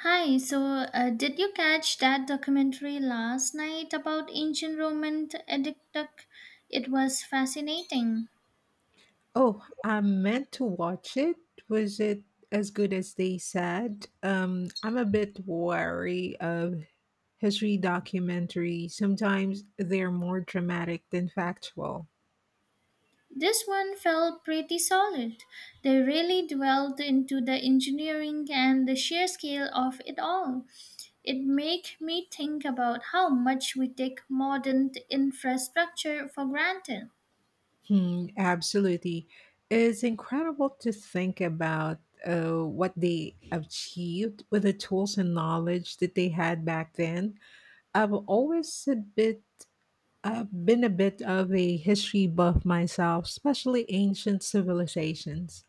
Hi, so did you catch that documentary last night about ancient Roman aqueduct? It was fascinating. Oh, I meant to watch it. Was it as good as they said? I'm a bit wary of history documentaries. Sometimes they're more dramatic than factual. This one felt pretty solid. They really dwelled into the engineering and the sheer scale of it all. It made me think about how much we take modern infrastructure for granted. Hmm, absolutely. It's incredible to think about what they achieved with the tools and knowledge that they had back then. I've always a bit I've been a bit of a history buff myself, especially ancient civilizations.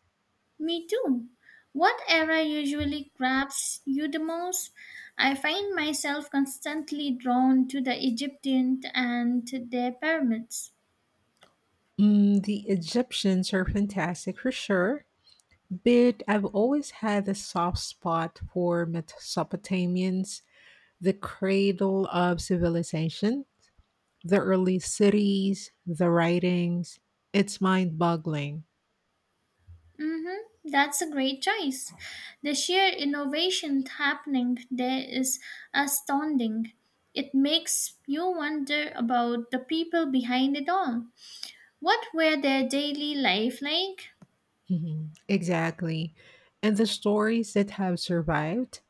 Me too. What era usually grabs you the most? I find myself constantly drawn to the Egyptian and their pyramids. Mm, the Egyptians are fantastic for sure, but I've always had a soft spot for Mesopotamians, the cradle of civilization. The early cities, the writings, it's mind boggling. Mm-hmm. That's a great choice. The sheer innovation happening there is astounding. It makes you wonder about the people behind it all. What were their daily life like? Mhm. Exactly. And the stories that have survived,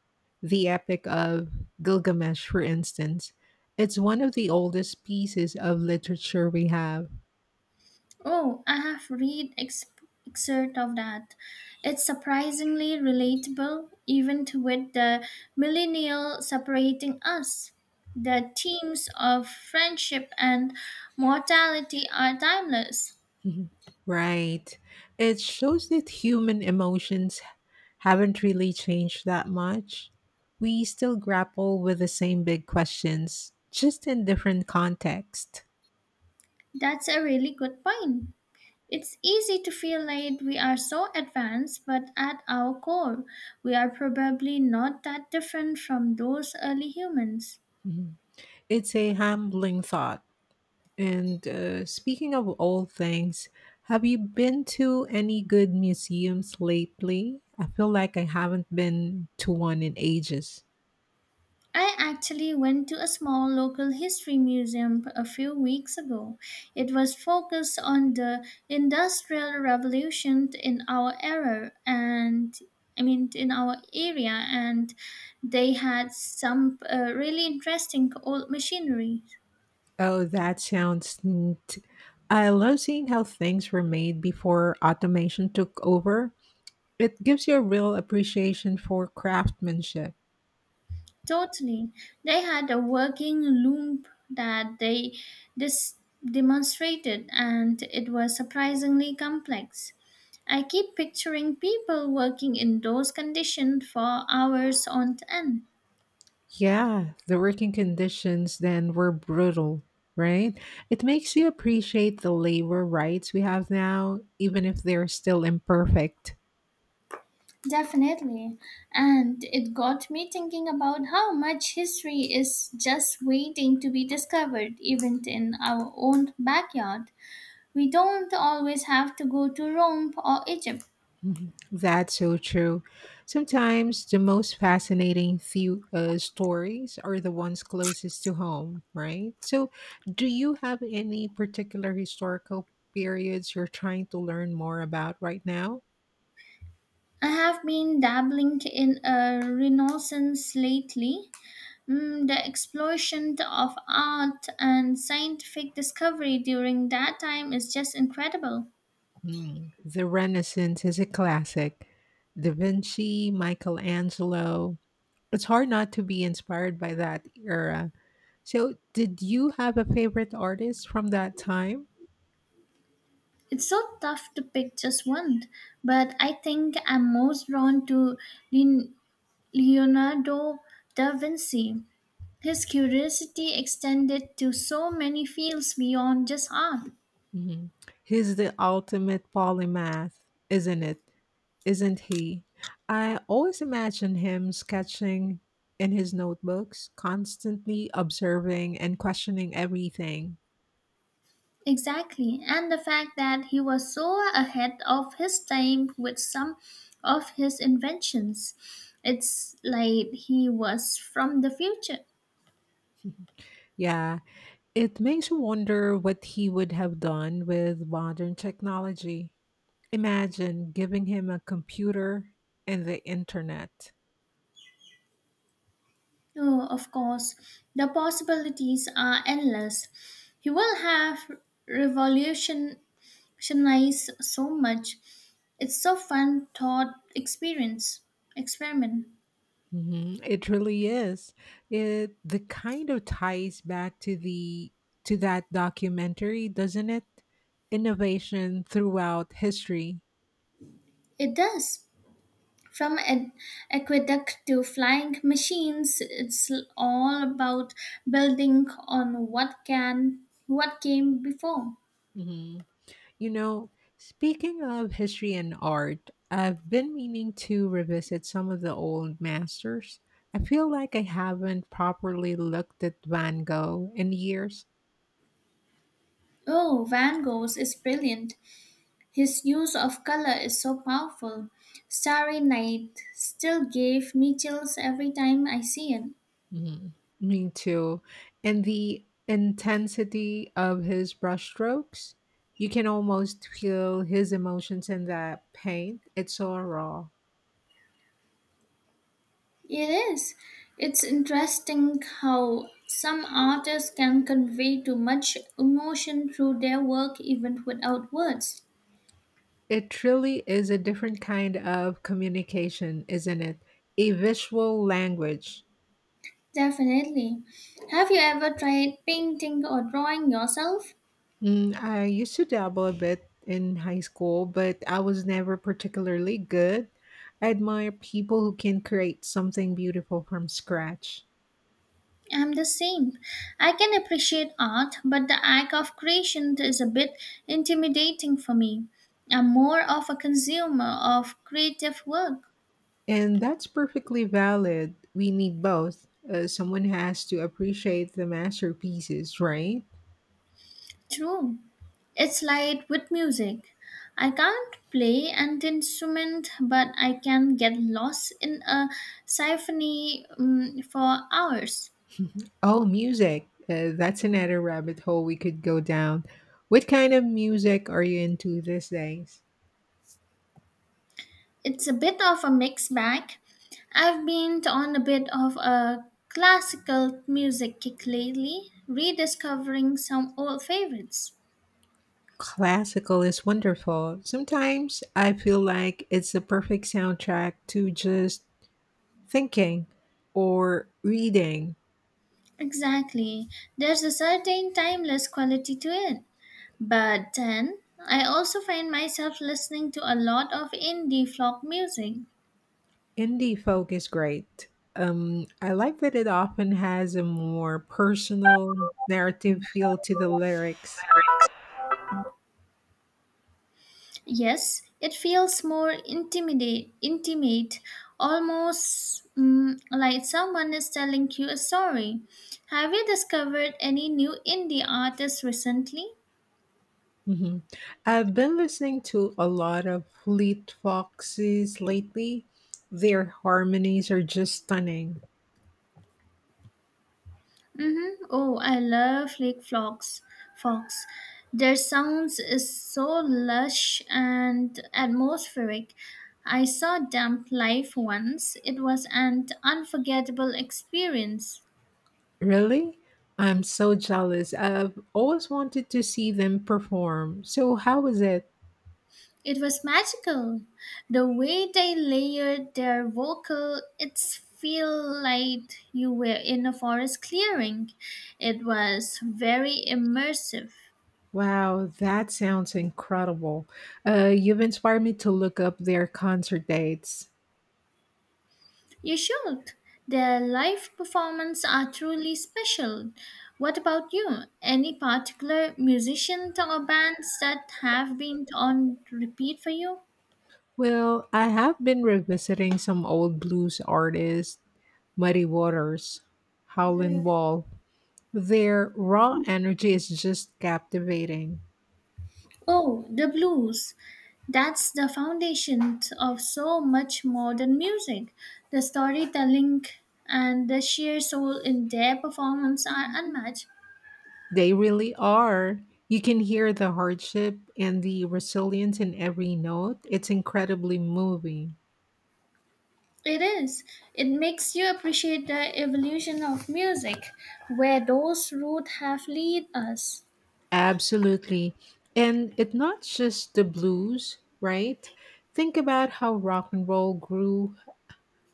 the Epic of Gilgamesh, for instance, it's one of the oldest pieces of literature we have. Oh, I have read excerpt of that. It's surprisingly relatable, even to with the millennial separating us. The themes of friendship and mortality are timeless. Mhm. Right. It shows that human emotions haven't really changed that much. We still grapple with the same big questions, just in different context. That's a really good point. It's easy to feel like we are so advanced, but at our core, we are probably not that different from those early humans. Mhm. It's a humbling thought. And speaking of old things, have you been to any good museums lately? I feel like I haven't been to one in ages. I actually went to a small local history museum a few weeks ago. It was focused on the Industrial Revolution in our era and I mean in our area and they had some really interesting old machinery. Oh, that sounds neat. I love seeing how things were made before automation took over. It gives you a real appreciation for craftsmanship. Totally. They had a working loom that they dis- demonstrated, and it was surprisingly complex. I keep picturing people working in those conditions for hours on end. Yeah, the working conditions then were brutal, right? It makes you appreciate the labor rights we have now, even if they're still imperfect. Definitely. And it got me thinking about how much history is just waiting to be discovered, even in our own backyard. We don't always have to go to Rome or Egypt. Mhm. That's so true. Sometimes the most fascinating few stories are the ones closest to home, right? So, do you have any particular historical periods you're trying to learn more about right now? I have been dabbling in a renaissance lately. The explosion of art and scientific discovery during that time is just incredible. Hmm, the Renaissance is a classic. Da Vinci, Michelangelo, it's hard not to be inspired by that era. So, did you have a favorite artist from that time? It's so tough to pick just one, but I think I'm most drawn to Leon- Leonardo da Vinci. His curiosity extended to so many fields beyond just art. Hmm. He's the ultimate polymath, isn't it? isn't he? I always imagine him sketching in his notebooks, constantly observing and questioning everything. Exactly, and the fact that he was so ahead of his time with some of his inventions. It's like he was from the future. Yeah, it makes you wonder what he would have done with modern technology. Imagine giving him a computer and the internet. Oh, of course, the possibilities are endless. He will have revolutionized so much. It's so fun thought experience experiment. Mhm, it really is. It the kind of ties back to the to that documentary, doesn't it? Innovation throughout history. It does. From an aqueduct to flying machines, it's all about building on what can what came before. Mm-hmm. You know, speaking of history and art, I've been meaning to revisit some of the old masters. I feel like I haven't properly looked at Van Gogh in years. Oh, Van Gogh's is brilliant. His use of color is so powerful. Starry Night still gave me chills every time I see it. Mhm. Me too. And the intensity of his brushstrokes, you can almost feel his emotions in that paint. It's so raw. It is. It's interesting how some artists can convey too much emotion through their work even without words. It really is a different kind of communication, isn't it? A visual language. Definitely. Have you ever tried painting or drawing yourself? Mm, I used to dabble a bit in high school, but I was never particularly good. I admire people who can create something beautiful from scratch. I'm the same. I can appreciate art, but the act of creation is a bit intimidating for me. I'm more of a consumer of creative work. And that's perfectly valid. We need both. Someone has to appreciate the masterpieces, right? True. It's like with music. I can't play an instrument, but I can get lost in a symphony for hours. Oh, music. That's another rabbit hole we could go down. What kind of music are you into these days? It's a bit of a mixed bag. I've been on a bit of a classical music kick lately, rediscovering some old favorites. Classical is wonderful. Sometimes I feel like it's the perfect soundtrack to just thinking or reading. Exactly. There's a certain timeless quality to it. But then, I also find myself listening to a lot of indie folk music. Indie folk is great. I like that it often has a more personal narrative feel to the lyrics. Yes, it feels more intimate, almost like someone is telling you a story. Have you discovered any new indie artists recently? Mhm. I've been listening to a lot of Fleet Foxes lately. Their harmonies are just stunning. Mm-hmm. Oh, I love Lake Fox. Fox. Their sounds is so lush and atmospheric. I saw Damp live once. It was an unforgettable experience. Really? I'm so jealous. I've always wanted to see them perform. So, how was it? It was magical. The way they layered their vocal, it feel like you were in a forest clearing. It was very immersive. Wow, that sounds incredible. You've inspired me to look up their concert dates. You should. Their live performances are truly special. What about you? Any particular musicians or bands that have been on repeat for you? Well, I have been revisiting some old blues artists, Muddy Waters, Howlin' Wall. Their raw energy is just captivating. Oh, the blues. That's the foundation of so much modern music. The storytelling and the sheer soul in their performance are unmatched. They really are. You can hear the hardship and the resilience in every note. It's incredibly moving. It is. It makes you appreciate the evolution of music, where those roots have lead us. Absolutely. And it's not just the blues, right? Think about how rock and roll grew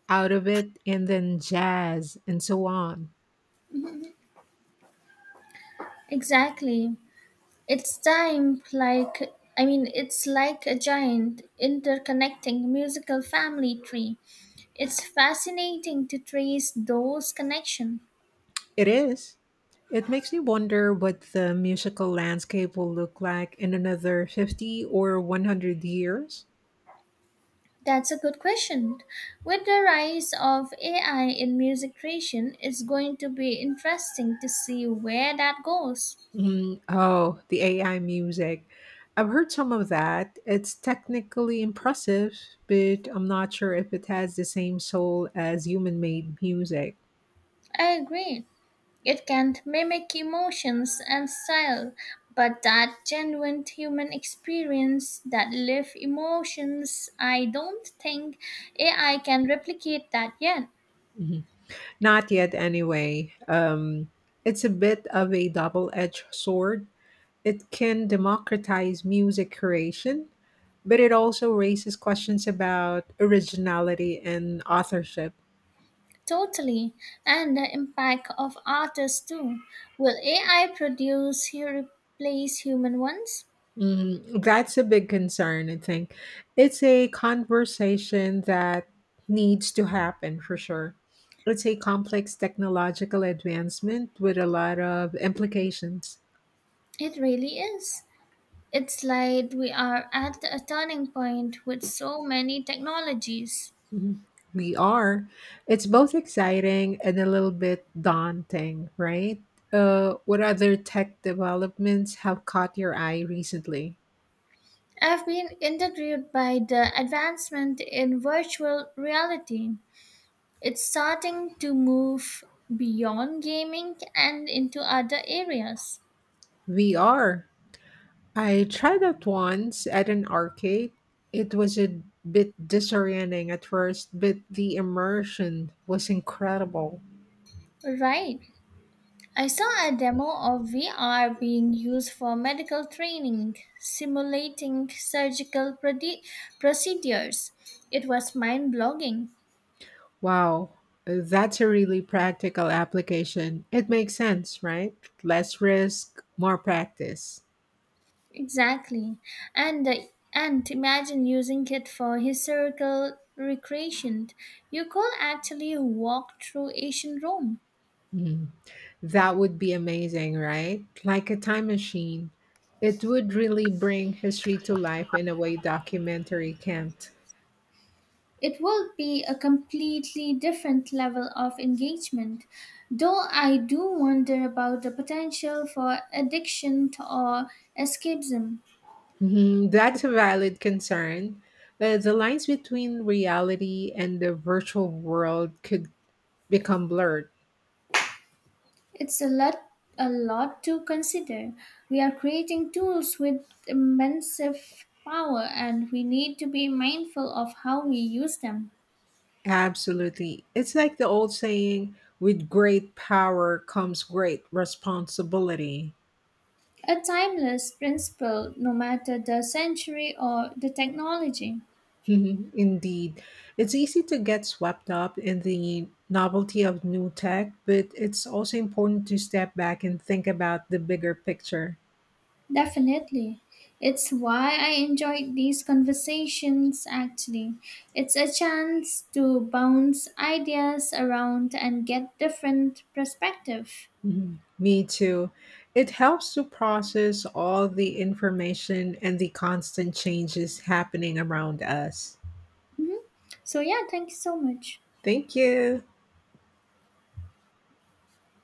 out of it and then jazz and so on. Exactly. It's time like I mean it's like a giant interconnecting musical family tree. It's fascinating to trace those connections. It is. It makes me wonder what the musical landscape will look like in another 50 or 100 years. That's a good question. With the rise of AI in music creation, it's going to be interesting to see where that goes. Mhm. Oh, the AI music. I've heard some of that. It's technically impressive, but I'm not sure if it has the same soul as human made music. I agree. It can mimic emotions and style, but that genuine human experience, that live emotions, I don't think AI can replicate that yet. Mhm. Not yet, anyway. It's a bit of a double edged sword. It can democratize music creation, but it also raises questions about originality and authorship. Totally. And the impact of artists too. Will AI produce, replace human ones? Mm, that's a big concern, I think. It's a conversation that needs to happen for sure. It's a complex technological advancement with a lot of implications. It really is. It's like we are at a turning point with so many technologies. Mhm. We are. It's both exciting and a little bit daunting, right? What other tech developments have caught your eye recently? I've been intrigued by the advancement in virtual reality. It's starting to move beyond gaming and into other areas. We are. I tried that once at an arcade. It was a bit disorienting at first, but the immersion was incredible. Right. I saw a demo of VR being used for medical training, simulating surgical procedures. It was mind blogging. Wow, that's a really practical application. It makes sense, right? Less risk, more practice. Exactly. And uh, and imagine using it for historical recreation. You could actually walk through ancient Rome. Mm. That would be amazing, right? Like a time machine. It would really bring history to life in a way documentary can't. It will be a completely different level of engagement, though I do wonder about the potential for addiction or escapism. Mhm, that's a valid concern. But the lines between reality and the virtual world could become blurred. It's a lot to consider. We are creating tools with immense power and we need to be mindful of how we use them. Absolutely. It's like the old saying with great power comes great responsibility. A timeless principle no matter the century or the technology. Mhm, indeed. It's easy to get swept up in the novelty of new tech, but it's also important to step back and think about the bigger picture. Definitely. It's why I enjoyed these conversations actually. It's a chance to bounce ideas around and get different perspective. Mm, me too. It helps to process all the information and the constant changes happening around us. Mhm. So yeah, thank you so much. Thank you.